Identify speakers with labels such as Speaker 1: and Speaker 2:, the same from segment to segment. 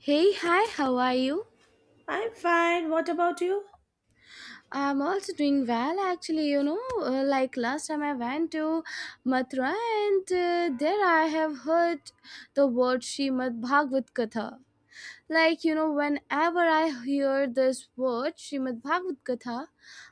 Speaker 1: Hey, hi, how are you?
Speaker 2: I'm fine. What about you?
Speaker 1: I'm also doing well, actually. Like last time I went to Mathura, and there I have heard the word Srimad Bhagavad Katha. Like, whenever I hear this word, Srimad Bhagavad Gatha,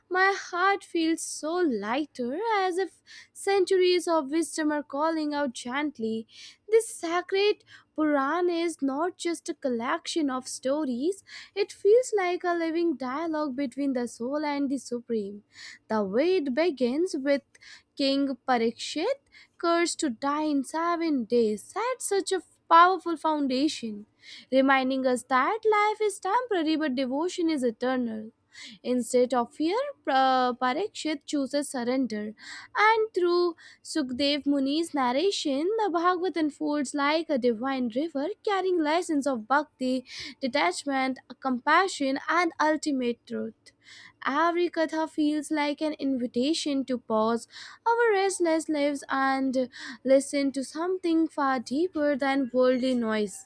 Speaker 1: my heart feels so lighter as if centuries of wisdom are calling out gently. This sacred Purana is not just a collection of stories, it feels like a living dialogue between the soul and the Supreme. The way it begins with King Parikshit cursed to die in 7 days set such a powerful foundation, reminding us that life is temporary but devotion is eternal. Instead of fear, Parikshit chooses surrender, and through Sukhdev Muni's narration, the Bhagavad unfolds like a divine river carrying lessons of bhakti, detachment, compassion, and ultimate truth. Every katha feels like an invitation to pause our restless lives and listen to something far deeper than worldly noise.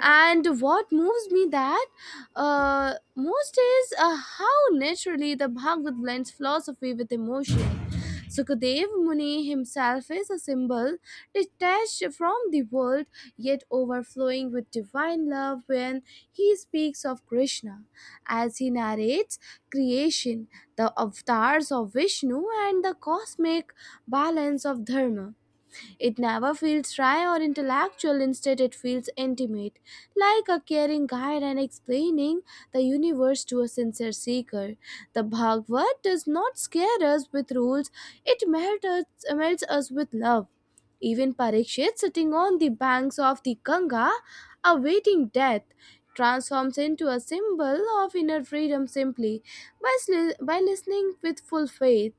Speaker 1: And what moves me that most is how naturally the Bhagavad blends philosophy with emotion. Sukadev Muni himself is a symbol, detached from the world yet overflowing with divine love when he speaks of Krishna. As he narrates creation, the avatars of Vishnu, and the cosmic balance of Dharma. It never feels dry or intellectual, instead, it feels intimate, like a caring guide and explaining the universe to a sincere seeker. The Bhagavad does not scare us with rules, it melts us with love. Even Parikshit, sitting on the banks of the Ganga, awaiting death, transforms into a symbol of inner freedom simply by listening with full faith.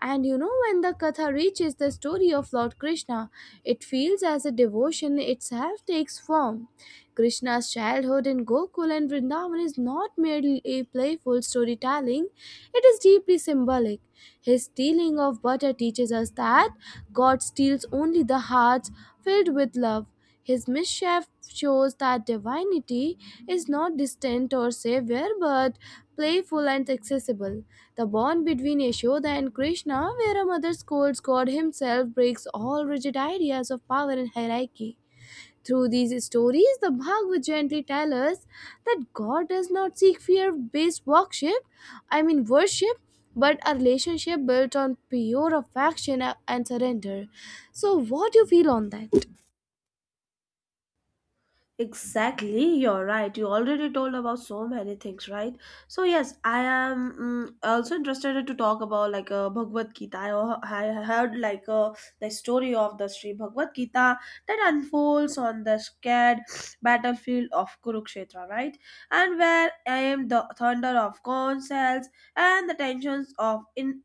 Speaker 1: And when the Katha reaches the story of Lord Krishna, it feels as a devotion itself takes form. Krishna's childhood in Gokul and Vrindavan is not merely a playful storytelling, it is deeply symbolic. His stealing of butter teaches us that God steals only the hearts filled with love. His mischief shows that divinity is not distant or savior but playful and accessible. The bond between Yashoda and Krishna, where a mother scolds God himself, breaks all rigid ideas of power and hierarchy. Through these stories, the Bhagavad gently tells us that God does not seek fear-based worship, I mean worship, but a relationship built on pure affection and surrender. So what do you feel on that?
Speaker 2: Exactly, you're right. You already told about so many things, right? So yes, I am also interested to talk about Bhagavad Gita. I heard the story of the Sri Bhagavad Gita that unfolds on the scared battlefield of Kurukshetra, right? And where I am the thunder of consoles and the tensions of in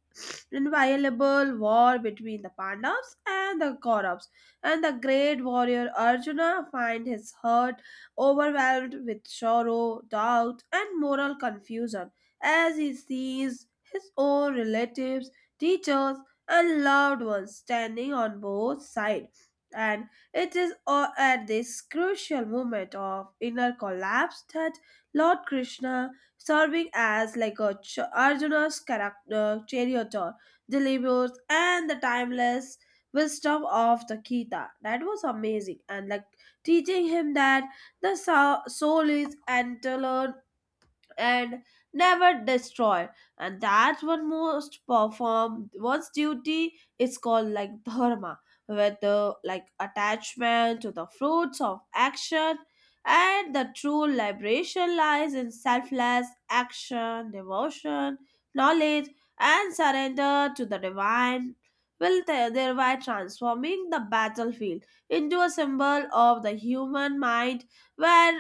Speaker 2: inviolable war between the Pandavas and the Kauravas, and the great warrior Arjuna find his heart overwhelmed with sorrow, doubt, and moral confusion as he sees his own relatives, teachers, and loved ones standing on both sides. And it is at this crucial moment of inner collapse that Lord Krishna, serving as like a Arjuna's character, charioteer, delivers and the timeless wisdom of the Gita. That was amazing. And like teaching him that the soul is eternal and never destroy, and that's what most perform one's duty is called like dharma with the like attachment to the fruits of action, and the true liberation lies in selfless action, devotion, knowledge, and surrender to the divine will, thereby transforming the battlefield into a symbol of the human mind where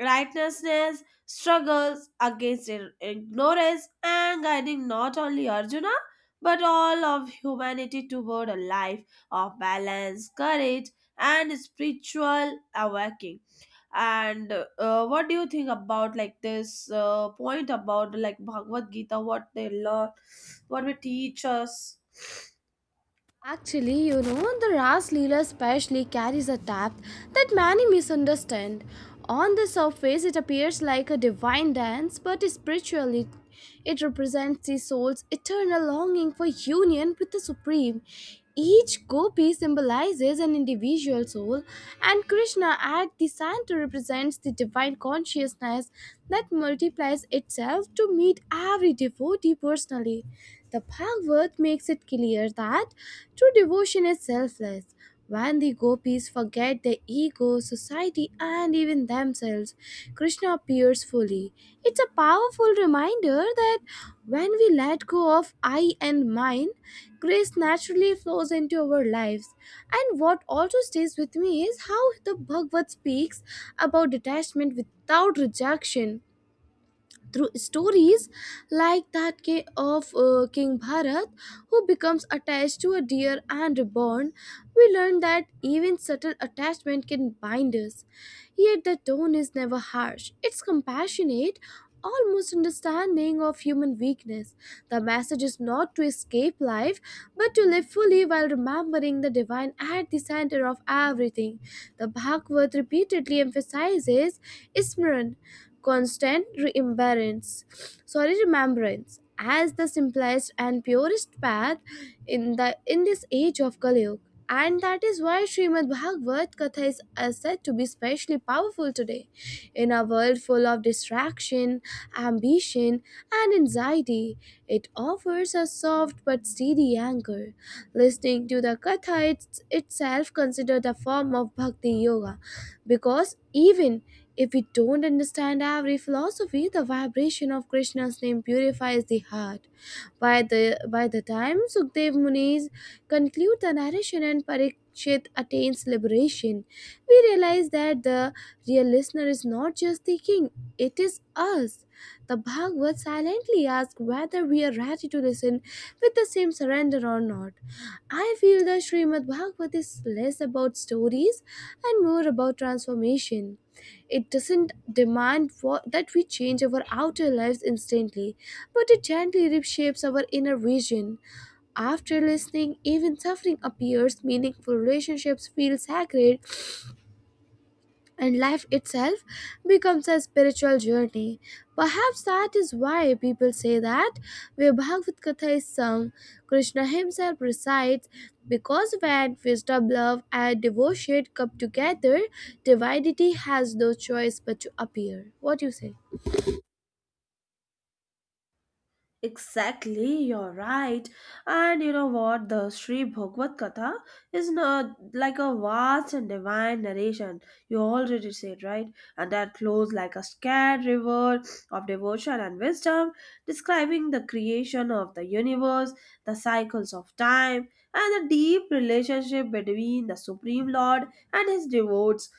Speaker 2: righteousness struggles against ignorance and guiding not only Arjuna but all of humanity toward a life of balance, courage, and spiritual awakening. And What do you think about like this point about like Bhagavad Gita, what they learn, what we teach us?
Speaker 1: Actually, the Ras Leela especially carries a depth that many misunderstand. On the surface, it appears like a divine dance, but spiritually, it represents the soul's eternal longing for union with the Supreme. Each gopi symbolizes an individual soul, and Krishna at the center represents the divine consciousness that multiplies itself to meet every devotee personally. The Bhagavad makes it clear that true devotion is selfless. When the gopis forget their ego, society, and even themselves, Krishna appears fully. It's a powerful reminder that when we let go of I and mine, grace naturally flows into our lives. And what also stays with me is how the Bhagavad speaks about detachment without rejection. Through stories like of King Bharat, who becomes attached to a deer and reborn, we learn that even subtle attachment can bind us. Yet the tone is never harsh. It's compassionate, almost understanding of human weakness. The message is not to escape life, but to live fully while remembering the divine at the center of everything. The Bhagavad repeatedly emphasizes Smran, constant remembrance, sorry, remembrance, as the simplest and purest path in this age of Kaliyug. And that is why Srimad Bhagavad Katha is said to be especially powerful today. In a world full of distraction, ambition, and anxiety, it offers a soft but steady anchor. Listening to the Katha it's itself considered a form of Bhakti Yoga, because even if we don't understand every philosophy, the vibration of Krishna's name purifies the heart. By the time Sukhdev Muni's conclude the narration and Parikshit attains liberation, we realize that the real listener is not just the king, it is us. The Bhagavad silently asks whether we are ready to listen with the same surrender or not. I feel the Srimad Bhagavat is less about stories and more about transformation. It doesn't demand for that we change our outer lives instantly, but it gently reshapes our inner vision. After listening, even suffering appears meaningful, relationships feel sacred, and life itself becomes a spiritual journey. Perhaps that is why people say that where Bhagavad Gita is sung, Krishna himself recites, because when wisdom, love, and devotion come together, divinity has no choice but to appear. What do you say?
Speaker 2: Exactly, you're right. And you know what? The Sri Bhagavad Katha is not like a vast and divine narration. You already said, right? And that flows like a scared river of devotion and wisdom, describing the creation of the universe, the cycles of time, and the deep relationship between the Supreme Lord and his devotees,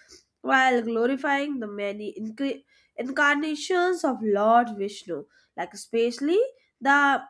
Speaker 2: while glorifying the many incarnations of Lord Vishnu, like especially the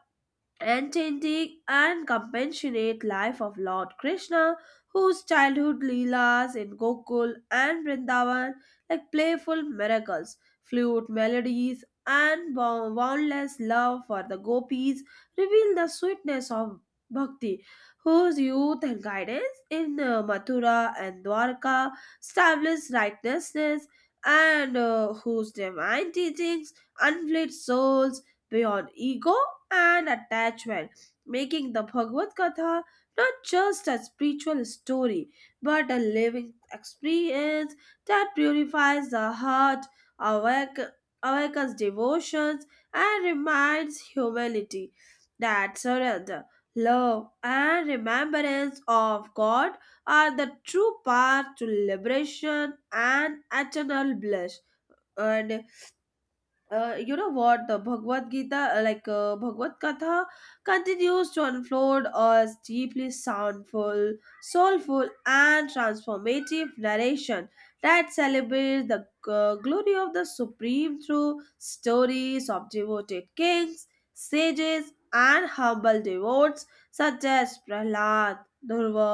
Speaker 2: enchanting and compassionate life of Lord Krishna, whose childhood leelas in Gokul and Vrindavan, like playful miracles, flute melodies, and boundless love for the gopis, reveal the sweetness of Bhakti, whose youth and guidance in Mathura and Dwarka established righteousness, and whose divine teachings unflit souls beyond ego and attachment, making the Bhagavad Gita not just a spiritual story but a living experience that purifies the heart, awake, awakens devotions, and reminds humanity that surrender, love, and remembrance of God are the true path to liberation and eternal bliss. And You know what, the bhagavad gita like bhagavad katha continues to unfold as deeply soundful soulful and transformative narration that celebrates the glory of the supreme through stories of devoted kings, sages, and humble devotees such as Prahlad, Durva,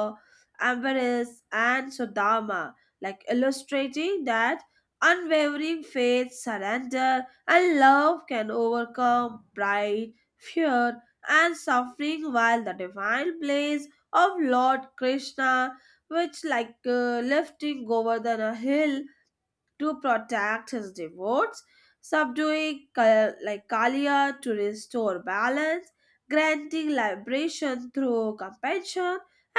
Speaker 2: Ambaris, and Sudama, like illustrating that unwavering faith, surrender, and love can overcome pride, fear, and suffering, while the divine blaze of Lord Krishna, which lifting over than a hill to protect his devotes, subduing Kalia to restore balance, granting liberation through compassion,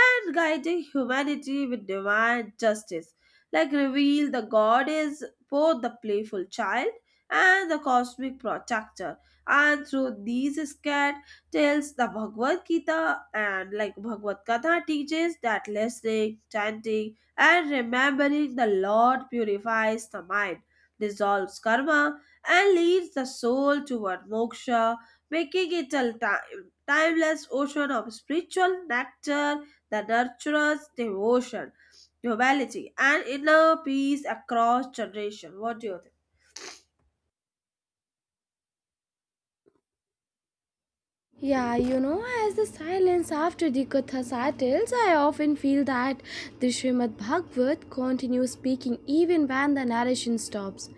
Speaker 2: and guiding humanity with divine justice, like reveal the God is both the playful child and the cosmic protector. And through these scared tales, the Bhagavad Gita teaches that listening, chanting, and remembering the Lord purifies the mind, dissolves karma, and leads the soul toward moksha, making it a timeless ocean of spiritual nectar that nurtures devotion, humility, and inner peace across generation. What do you think?
Speaker 1: Yeah, as the silence after the Katha settles, I often feel that the Srimad Bhagavat continues speaking even when the narration stops.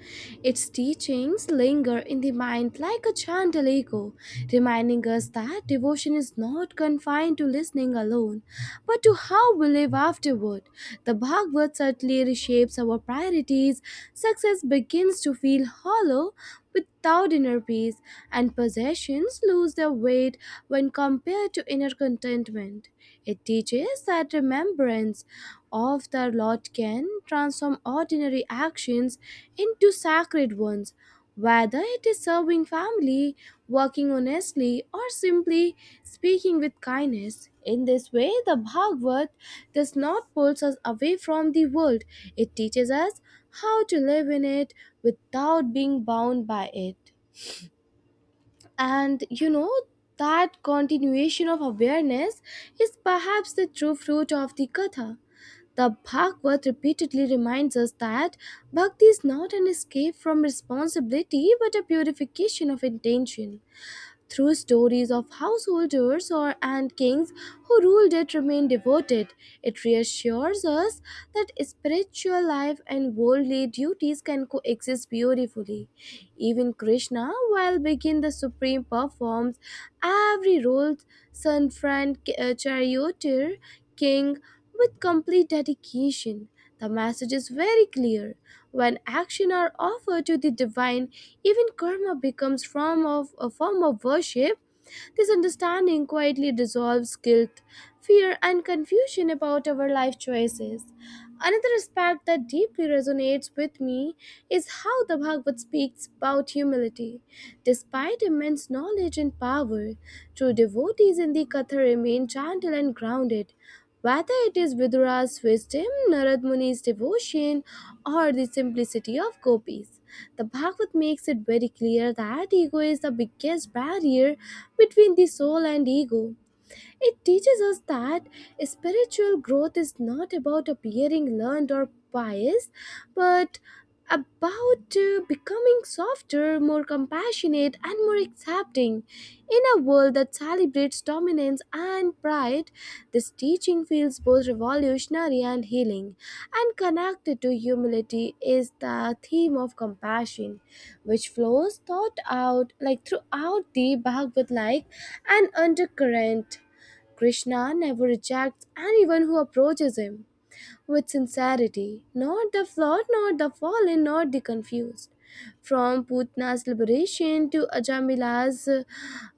Speaker 1: Its teachings linger in the mind like a gentle echo, reminding us that devotion is not confined to listening alone, but to how we live afterward. The Bhagavat certainly reshapes our priorities. Success begins to feel hollow without inner peace, and possessions lose their weight when compared to inner contentment. It teaches that remembrance of the Lord can transform ordinary actions into sacred ones, whether it is serving family, working honestly, or simply speaking with kindness. In this way, the Bhagavad does not pull us away from the world, it teaches us how to live in it without being bound by it. And that continuation of awareness is perhaps the true fruit of the Katha. The Bhagavad repeatedly reminds us that bhakti is not an escape from responsibility but a purification of intention. Through stories of householders or and kings who ruled it remain devoted, it reassures us that spiritual life and worldly duties can coexist beautifully. Even Krishna, while being the supreme, performs every role, son, friend, charioteer, king, with complete dedication. The message is very clear. When action are offered to the divine, even karma becomes form of a form of worship. This understanding quietly dissolves guilt, fear, and confusion about our life choices. Another aspect that deeply resonates with me is how the Bhagavad speaks about humility. Despite immense knowledge and power, true devotees in the Katha remain gentle and grounded. Whether it is Vidura's wisdom, Narad Muni's devotion, or the simplicity of gopis, the Bhagavad makes it very clear that ego is the biggest barrier between the soul and ego. It teaches us that spiritual growth is not about appearing learned or pious, but about becoming softer, more compassionate, and more accepting. In a world that celebrates dominance and pride, this teaching feels both revolutionary and healing. And connected to humility is the theme of compassion, which flows thought out like throughout the Bhagavad like an undercurrent. Krishna never rejects anyone who approaches him with sincerity, not the flawed, not the fallen, not the confused. From Putna's liberation to Ajamila's uh,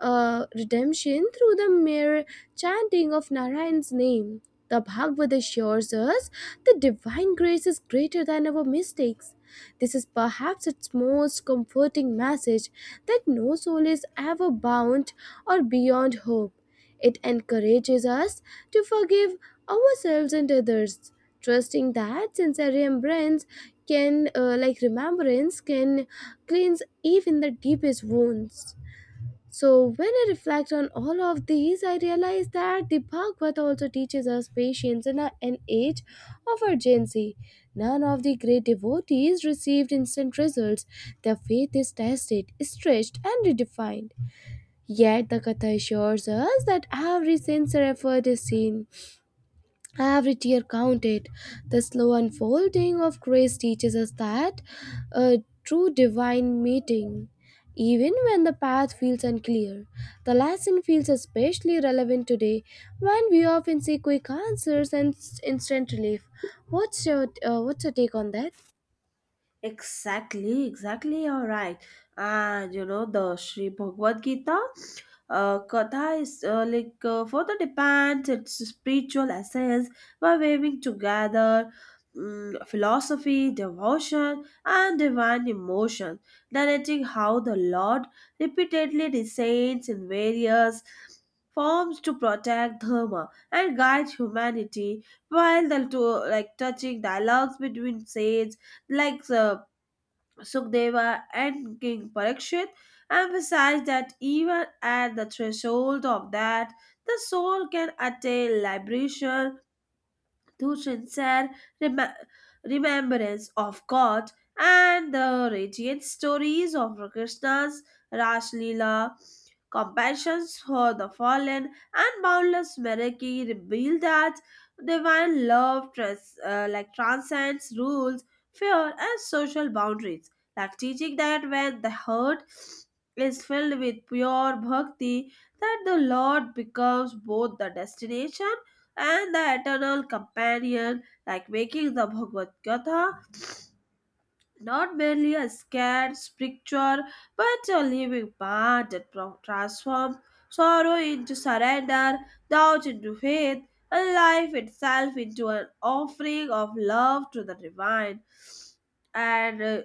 Speaker 1: uh, redemption through the mere chanting of Narayan's name, the Bhagavad assures us the divine grace is greater than our mistakes. This is perhaps its most comforting message, that no soul is ever bound or beyond hope. It encourages us to forgive ourselves and others, trusting that sincere remembrance can cleanse even the deepest wounds. So, when I reflect on all of these, I realize that the Bhagavad also teaches us patience in an age of urgency. None of the great devotees received instant results. Their faith is tested, stretched, and redefined. Yet, the Katha assures us that every sincere effort is seen. Every tear counted. The slow unfolding of grace teaches us that a true divine meeting, even when the path feels unclear. The lesson feels especially relevant today when we often see quick answers and instant relief. What's your take on that?
Speaker 2: Exactly, exactly. You're right. And you know, the Sri Bhagavad Gita Katha is further depends its spiritual essence by weaving together philosophy, devotion, and divine emotion, narrating how the Lord repeatedly descends in various forms to protect dharma and guide humanity, while the two like touching dialogues between saints like Sukdeva and King Parikshit emphasized that even at the threshold of that, the soul can attain liberation through sincere rem- remembrance of God, and the radiant stories of Krishna's Rashlila, compassion for the fallen, and boundless mercy reveal that divine love transcends rules, fear, and social boundaries, like teaching that when the heart is filled with pure bhakti, that the Lord becomes both the destination and the eternal companion, like making the Bhagavad Gita not merely a scared scripture but a living part that transforms sorrow into surrender, doubt into faith, and life itself into an offering of love to the divine. And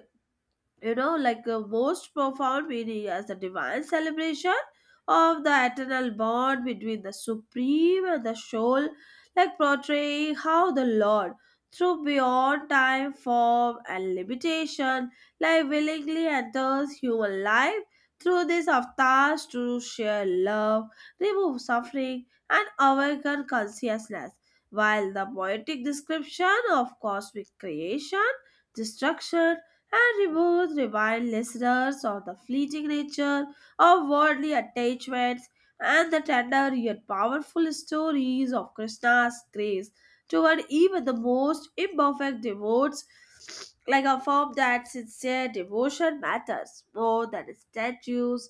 Speaker 2: you know, like the most profound meaning as the divine celebration of the eternal bond between the supreme and the soul, like portraying how the lord, through beyond time, form, and limitation, like willingly enters human life through these avatars to share love, remove suffering, and awaken consciousness, while the poetic description of cosmic creation, destruction, and rewards remind listeners of the fleeting nature of worldly attachments, and the tender yet powerful stories of Krishna's grace toward even the most imperfect devotees, like a form that sincere devotion matters more than statues,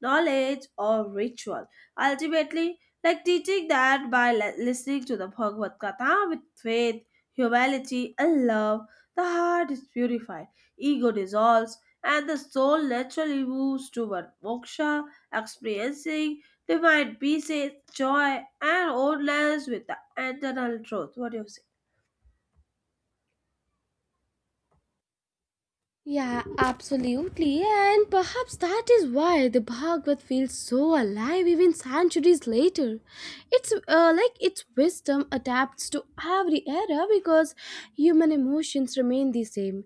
Speaker 2: knowledge, or ritual. Ultimately, like teaching that by listening to the Bhagavad Gita with faith, humility, and love, the heart is purified, ego dissolves, and the soul naturally moves toward moksha, experiencing divine peace, joy, and oneness with the eternal truth. What do you say?
Speaker 1: Yeah, absolutely. And perhaps that is why the Bhagavad feels so alive even centuries later. It's like its wisdom adapts to every era, because human emotions remain the same,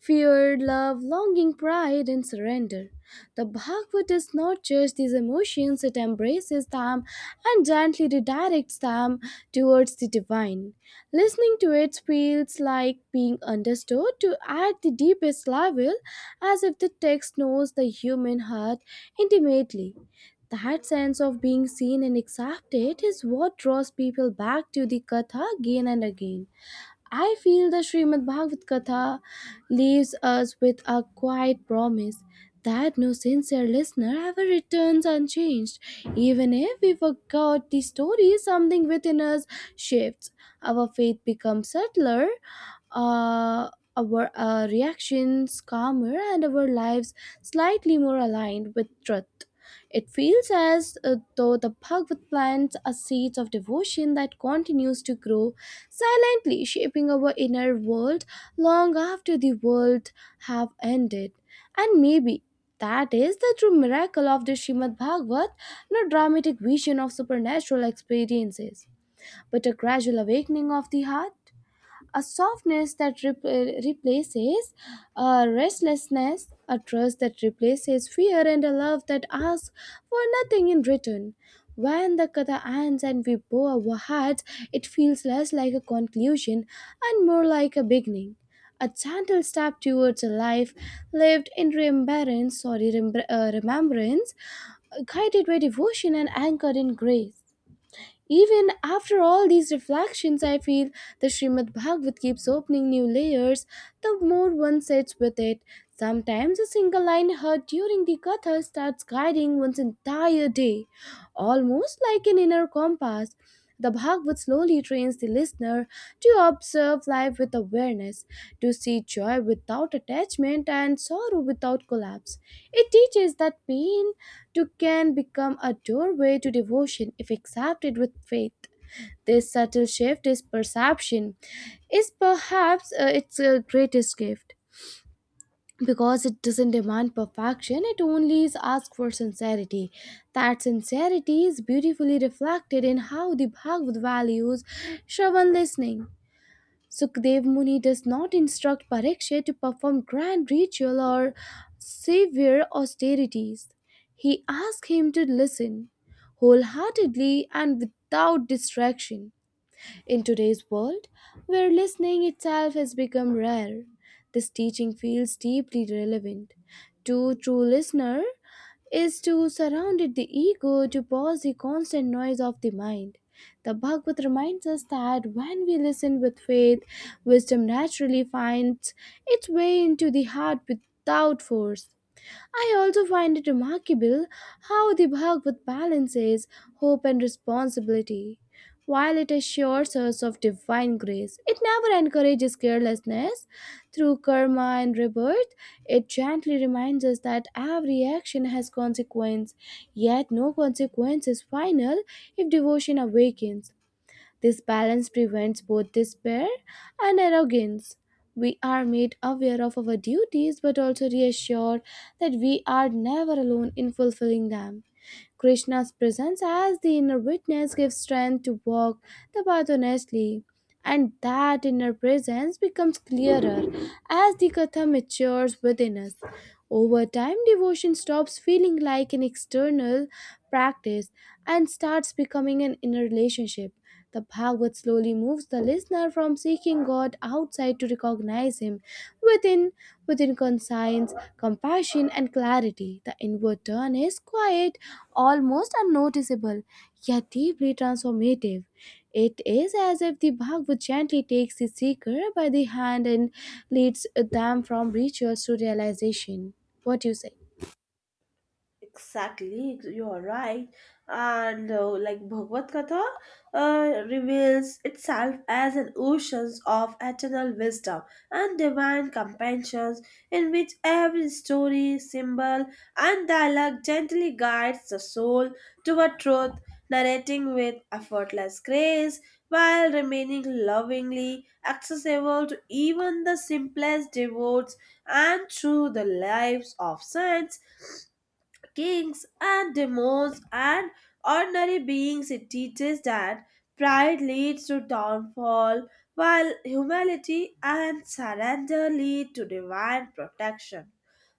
Speaker 1: fear, love, longing, pride, and surrender. The Bhagavad does not judge these emotions, it embraces them and gently redirects them towards the divine. Listening to it feels like being understood to at the deepest level, as if the text knows the human heart intimately. That sense of being seen and accepted is what draws people back to the Katha again and again. I feel the Srimad Bhagavad Gita leaves us with a quiet promise that no sincere listener ever returns unchanged. Even if we forgot the story, something within us shifts. Our faith becomes subtler, uh, our reactions calmer, and our lives slightly more aligned with truth. It feels as though the Bhagavad plants a seeds of devotion that continues to grow, silently shaping our inner world long after the world have ended. And maybe that is the true miracle of the Srimad Bhagavat, not dramatic vision of supernatural experiences, but a gradual awakening of the heart, a softness that replaces a restlessness, a trust that replaces fear, and a love that asks for nothing in return. When the katha ends and we bow our heads, it feels less like a conclusion and more like a beginning. A gentle step towards a life lived in remembrance, sorry, remembrance, guided by devotion and anchored in grace. Even after all these reflections, I feel the Srimad Bhagavat keeps opening new layers the more one sits with it. Sometimes a single line heard during the Katha starts guiding one's entire day, almost like an inner compass. The Bhagavad slowly trains the listener to observe life with awareness, to see joy without attachment and sorrow without collapse. It teaches that pain too can become a doorway to devotion if accepted with faith. This subtle shift is perception is perhaps its greatest gift, because it doesn't demand perfection, it only is asked for sincerity. That sincerity is beautifully reflected in how the Bhagavad values shravan, listening. Sukadev Muni does not instruct Parikshit to perform grand ritual or severe austerities. He asks him to listen wholeheartedly and without distraction. In today's world, where listening itself has become rare, this teaching feels deeply relevant. To true listener is to surround it the ego, to pause the constant noise of the mind. The Bhagavad reminds us that when we listen with faith, wisdom naturally finds its way into the heart without force. I also find it remarkable how the Bhagavad balances hope and responsibility. While it assures us of divine grace, it never encourages carelessness. Through karma and rebirth, it gently reminds us that every action has consequence, yet no consequence is final if devotion awakens. This balance prevents both despair and arrogance. We are made aware of our duties but also reassured that we are never alone in fulfilling them. Krishna's presence as the inner witness gives strength to walk the path honestly. And that inner presence becomes clearer as the Katha matures within us. Over time, devotion stops feeling like an external practice and starts becoming an inner relationship. The Bhagavad slowly moves the listener from seeking God outside to recognize Him within, within conscience, compassion, and clarity. The inward turn is quiet, almost unnoticeable, yet deeply transformative. It is as if the Bhagavad gently takes the seeker by the hand and leads them from rituals to realization. What do you say?
Speaker 2: Exactly, you are right. And like Bhagavad Gita reveals itself as an ocean of eternal wisdom and divine compassion, in which every story, symbol, and dialogue gently guides the soul toward truth, narrating with effortless grace while remaining lovingly accessible to even the simplest devotees, and through the lives of saints, kings, and demons, and ordinary beings. It teaches that pride leads to downfall, while humility and surrender lead to divine protection,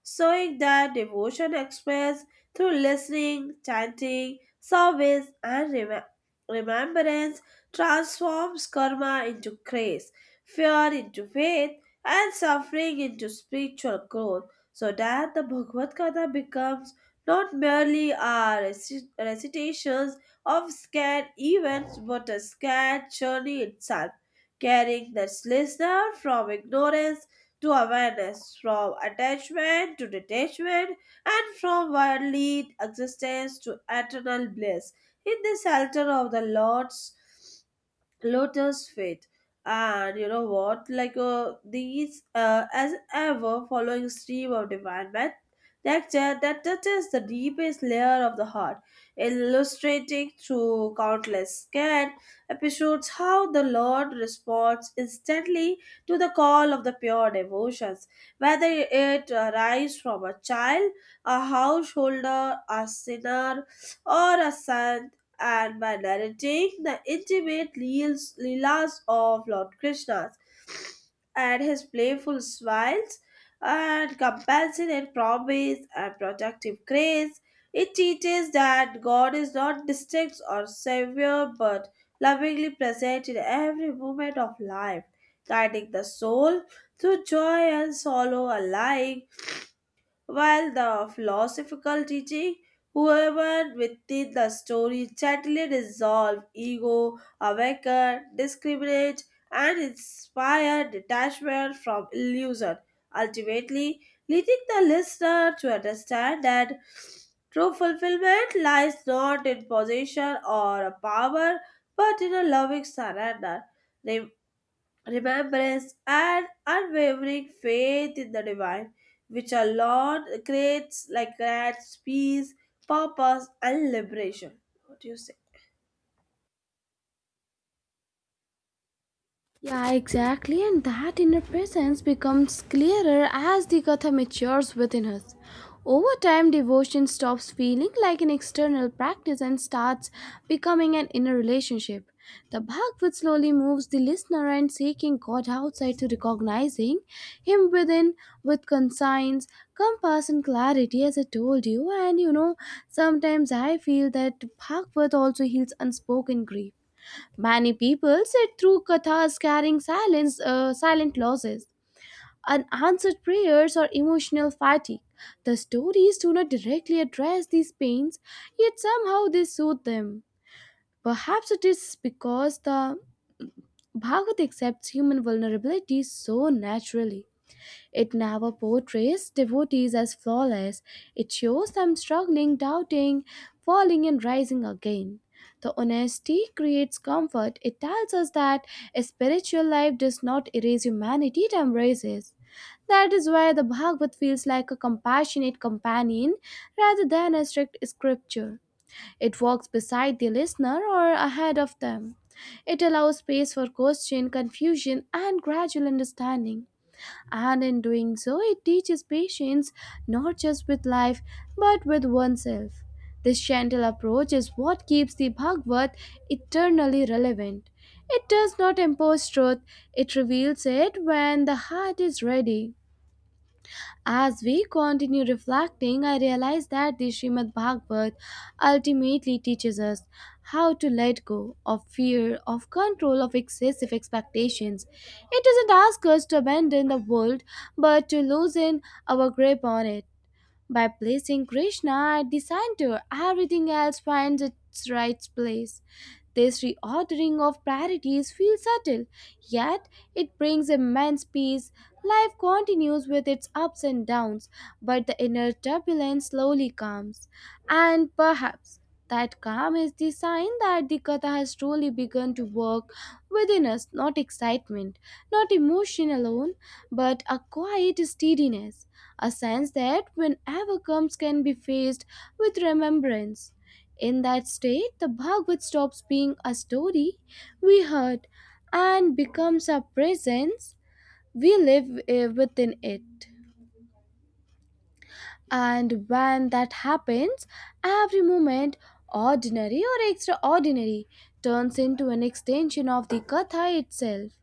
Speaker 2: showing that devotion expressed through listening, chanting, service, and remembrance transforms karma into grace, fear into faith, and suffering into spiritual growth, so that the Bhagavad Gita becomes not merely are recitations of scared events but a scared journey itself, carrying the listener from ignorance to awareness, from attachment to detachment, and from worldly existence to eternal bliss in the shelter of the Lord's Lotus Fate. And you know what? Like as ever, following stream of divine man, that touches the deepest layer of the heart, illustrating through countless scant episodes how the Lord responds instantly to the call of the pure devotions, whether it arises from a child, a householder, a sinner, or a son, and by narrating the leelas of Lord Krishna and his playful smiles and compassionate promise and protective grace. It teaches that God is not distinct or severe but lovingly present in every moment of life, guiding the soul through joy and sorrow alike, while the philosophical teaching, whoever within the story gently resolve ego, awaken, discriminate, and inspire detachment from illusion, ultimately leading the listener to understand that true fulfillment lies not in possession or power, but in a loving surrender, remembrance, and unwavering faith in the divine, which our Lord creates like grants peace, purpose, and liberation. What do you say?
Speaker 1: Yeah, exactly, and that inner presence becomes clearer as the Katha matures within us. Over time, devotion stops feeling like an external practice and starts becoming an inner relationship. The Bhagavad slowly moves the listener and seeking God outside to recognizing Him within, with conscience, compass, and clarity, as I told you. And you know, sometimes I feel that Bhagavad also heals unspoken grief. Many people sit through kathas carrying silence, silent losses, unanswered prayers, or emotional fatigue. The stories do not directly address these pains, yet somehow they soothe them. Perhaps it is because the Bhagavad accepts human vulnerability so naturally. It never portrays devotees as flawless. It shows them struggling, doubting, falling, and rising again. The honesty creates comfort. It tells us that a spiritual life does not erase humanity, it embraces. That is why the Bhagavad feels like a compassionate companion rather than a strict scripture. It walks beside the listener or ahead of them. It allows space for question, confusion, and gradual understanding, and in doing so, it teaches patience, not just with life but with oneself. This gentle approach is what keeps the Bhagavad eternally relevant. It does not impose truth, it reveals it when the heart is ready. As we continue reflecting, I realize that the Srimad Bhagavat ultimately teaches us how to let go of fear, of control, of excessive expectations. It doesn't ask us to abandon the world, but to loosen our grip on it. By placing Krishna at the center, everything else finds its right place. This reordering of priorities feels subtle, yet it brings immense peace. Life continues with its ups and downs, but the inner turbulence slowly calms. And perhaps that calm is the sign that the Katha has truly begun to work within us, not excitement, not emotion alone, but a quiet steadiness, a sense that whenever comes can be faced with remembrance. In that state, the Bhagavad stops being a story we heard and becomes a presence we live within it. And when that happens, every moment, ordinary or extraordinary, turns into an extension of the Katha itself.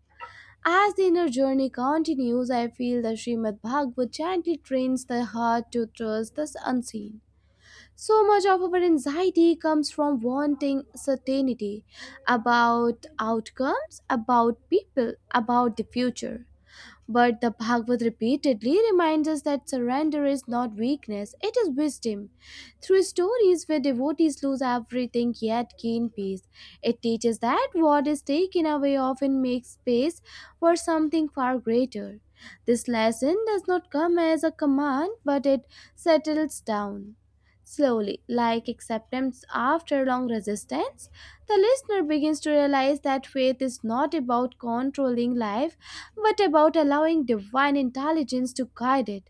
Speaker 1: As the inner journey continues, I feel that Srimad Bhagavat gently trains the heart to trust the unseen. So much of our anxiety comes from wanting certainty about outcomes, about people, about the future. But the Bhagavad repeatedly reminds us that surrender is not weakness, it is wisdom. Through stories where devotees lose everything yet gain peace, it teaches that what is taken away often makes space for something far greater. This lesson does not come as a command, but it settles down. Slowly, like acceptance after long resistance, the listener begins to realize that faith is not about controlling life, what about allowing divine intelligence to guide it?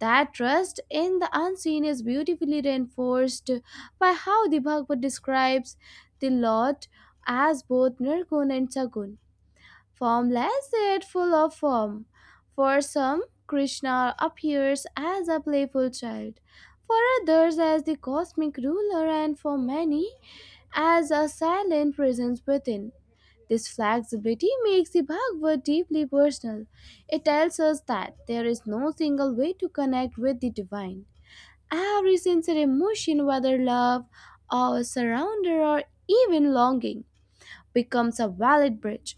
Speaker 1: That trust in the unseen is beautifully reinforced by how the Bhagavad describes the Lord as both Nirgun and Sagun, formless yet full of form. For some, Krishna appears as a playful child, for others as the cosmic ruler, and for many as a silent presence within. This flexibility makes the Bhagavad deeply personal. It tells us that there is no single way to connect with the divine. Every sincere emotion, whether love, awe, surrender, or even longing, becomes a valid bridge.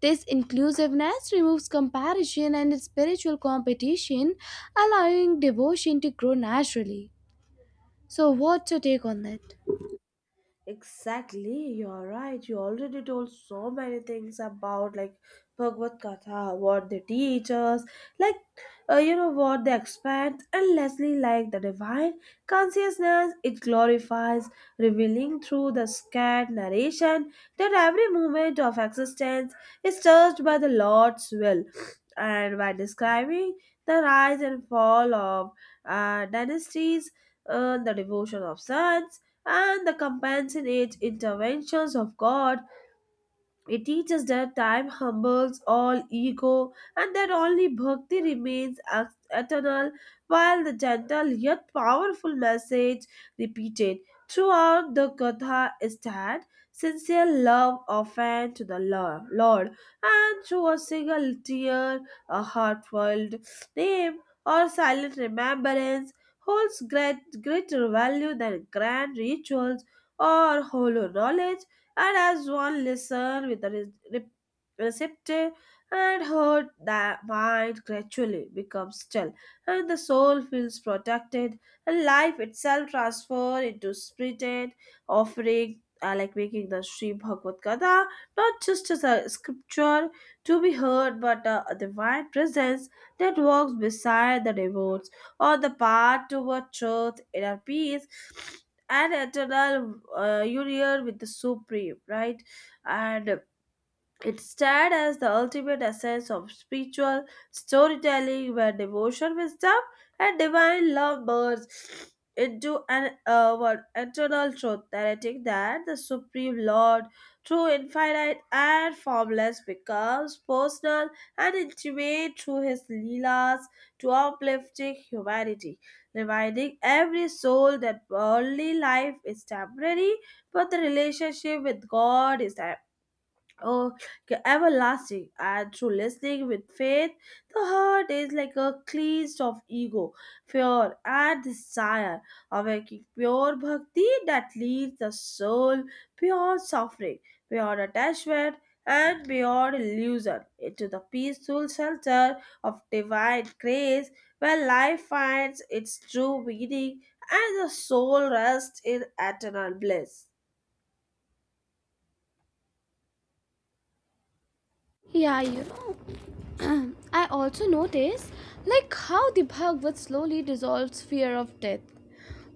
Speaker 1: This inclusiveness removes comparison and spiritual competition, allowing devotion to grow naturally. So, what's your take on that?
Speaker 2: Exactly, you're right. You already told so many things about like Bhagavad Katha, what they teach us, like you know what they expect, and lastly, like the divine consciousness it glorifies, revealing through the scared narration that every moment of existence is touched by the Lord's will, and by describing the rise and fall of dynasties, the devotion of sons, and the compassionate interventions of God, it teaches that time humbles all ego and that only bhakti remains eternal, while the gentle yet powerful message repeated throughout the Katha is that sincere love often to the Lord, and through a single tear, a heartfelt name, or silent remembrance holds greater value than grand rituals or hollow knowledge, and as one listened with a receptive and heard, the mind gradually becomes still, and the soul feels protected, and life itself transformed into spirited offering, like making the Sri Bhagavad Gita not just as a scripture to be heard, but a divine presence that walks beside the devotees on the path toward truth, inner peace, and eternal union with the supreme, right? And it stands as the ultimate essence of spiritual storytelling where devotion, wisdom, and divine love merge into an eternal truth, narrating that the Supreme Lord, through infinite and formless, becomes personal and intimate through his leelas to uplifting humanity, reminding every soul that worldly life is temporary, but the relationship with God is oh, everlasting, and through listening with faith the heart is like a cleansed of ego, fear, and desire, awakening pure bhakti that leads the soul beyond suffering, beyond attachment, and beyond illusion into the peaceful shelter of divine grace, where life finds its true meaning and the soul rests in eternal bliss.
Speaker 1: Yeah, you know, I also notice like how the Bhagavad slowly dissolves fear of death,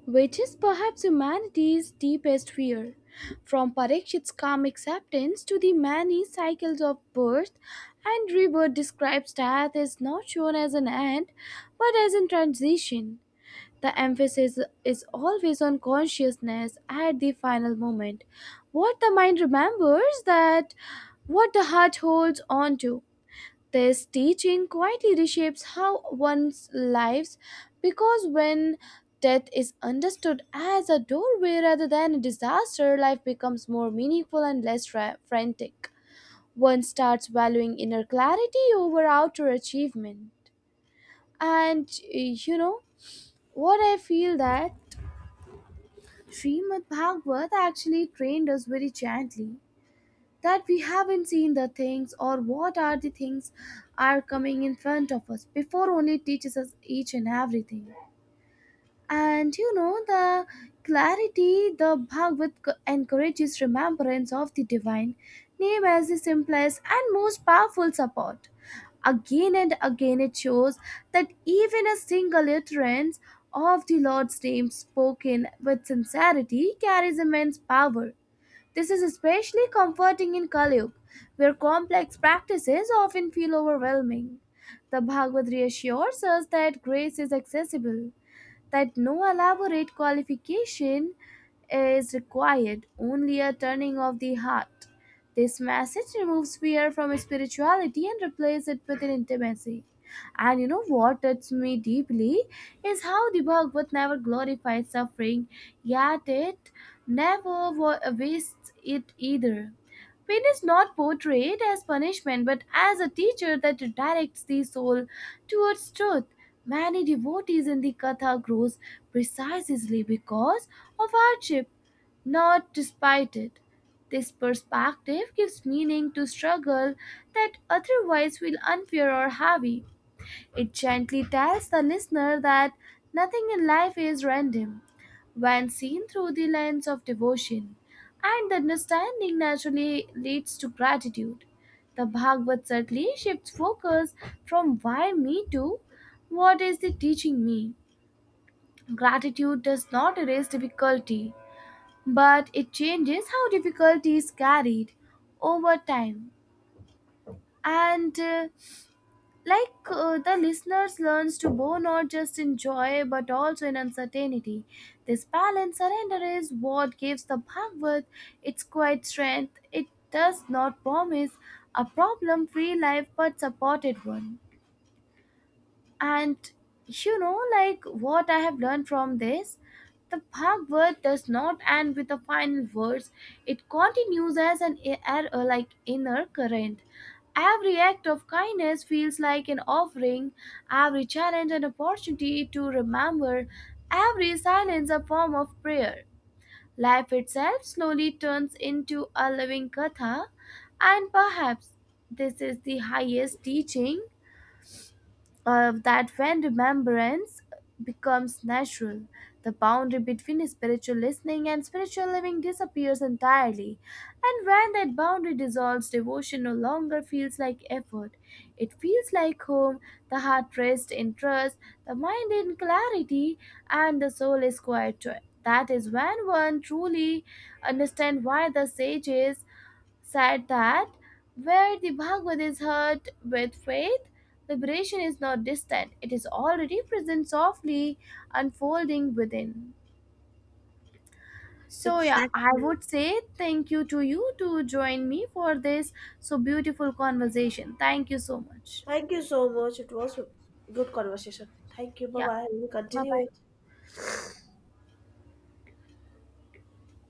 Speaker 1: which is perhaps humanity's deepest fear. From Parikshit's calm acceptance to the many cycles of birth and rebirth describes death is not shown as an end but as a transition. The emphasis is always on consciousness at the final moment. What the mind remembers, that what the heart holds on to. This teaching quietly reshapes how one's lives, because when death is understood as a doorway rather than a disaster, life becomes more meaningful and less frantic. One starts valuing inner clarity over outer achievement. And you know, what I feel that Srimad Bhagavat actually trained us very gently, that we haven't seen the things or what are the things are coming in front of us before only teaches us each and everything. And you know, the clarity, the Bhagavad encourages remembrance of the divine name as the simplest and most powerful support. Again and again it shows that even a single utterance of the Lord's name spoken with sincerity carries immense power. This is especially comforting in Kaliyug, where complex practices often feel overwhelming. The Bhagavad reassures us that grace is accessible, that no elaborate qualification is required, only a turning of the heart. This message removes fear from spirituality and replaces it with an intimacy. And you know what touches me deeply is how the Bhagavad never glorifies suffering, yet it never wastes it either. Pain is not portrayed as punishment but as a teacher that directs the soul towards truth. Many devotees in the Katha grows precisely because of hardship, not despite it. This perspective gives meaning to struggle that otherwise feel unfair or heavy. It gently tells the listener that nothing in life is random when seen through the lens of devotion, and the understanding naturally leads to gratitude. The Bhagavad certainly shifts focus from why me to what is it teaching me. Gratitude does not erase difficulty, but it changes how difficulty is carried over time. And the listeners learns to bow not just in joy but also in uncertainty. This balanced surrender is what gives the Bhagavad its quiet strength. It does not promise a problem free life but supported one. And you know, like what I have learned from this, the Bhagavad does not end with the final words. It continues as an like inner current. Every act of kindness feels like an offering, every challenge an opportunity to remember, every silence a form of prayer. Life itself slowly turns into a living katha, and perhaps this is the highest teaching, that when remembrance becomes natural, the boundary between spiritual listening and spiritual living disappears entirely. And when that boundary dissolves, devotion no longer feels like effort. It feels like home, the heart rests in trust, the mind in clarity, and the soul is quiet joy. That is when one truly understands why the sages said that where the Bhagavad is heard with faith, liberation is not distant, it is already present, softly unfolding within. So, yeah, I
Speaker 2: Exactly.
Speaker 1: would say thank you to you to join me for this so beautiful conversation. Thank you so much.
Speaker 2: Thank you so much. It was a good conversation. Thank you. Bye
Speaker 1: Yeah,
Speaker 2: bye. We'll
Speaker 1: bye
Speaker 2: continue
Speaker 1: bye.
Speaker 2: it.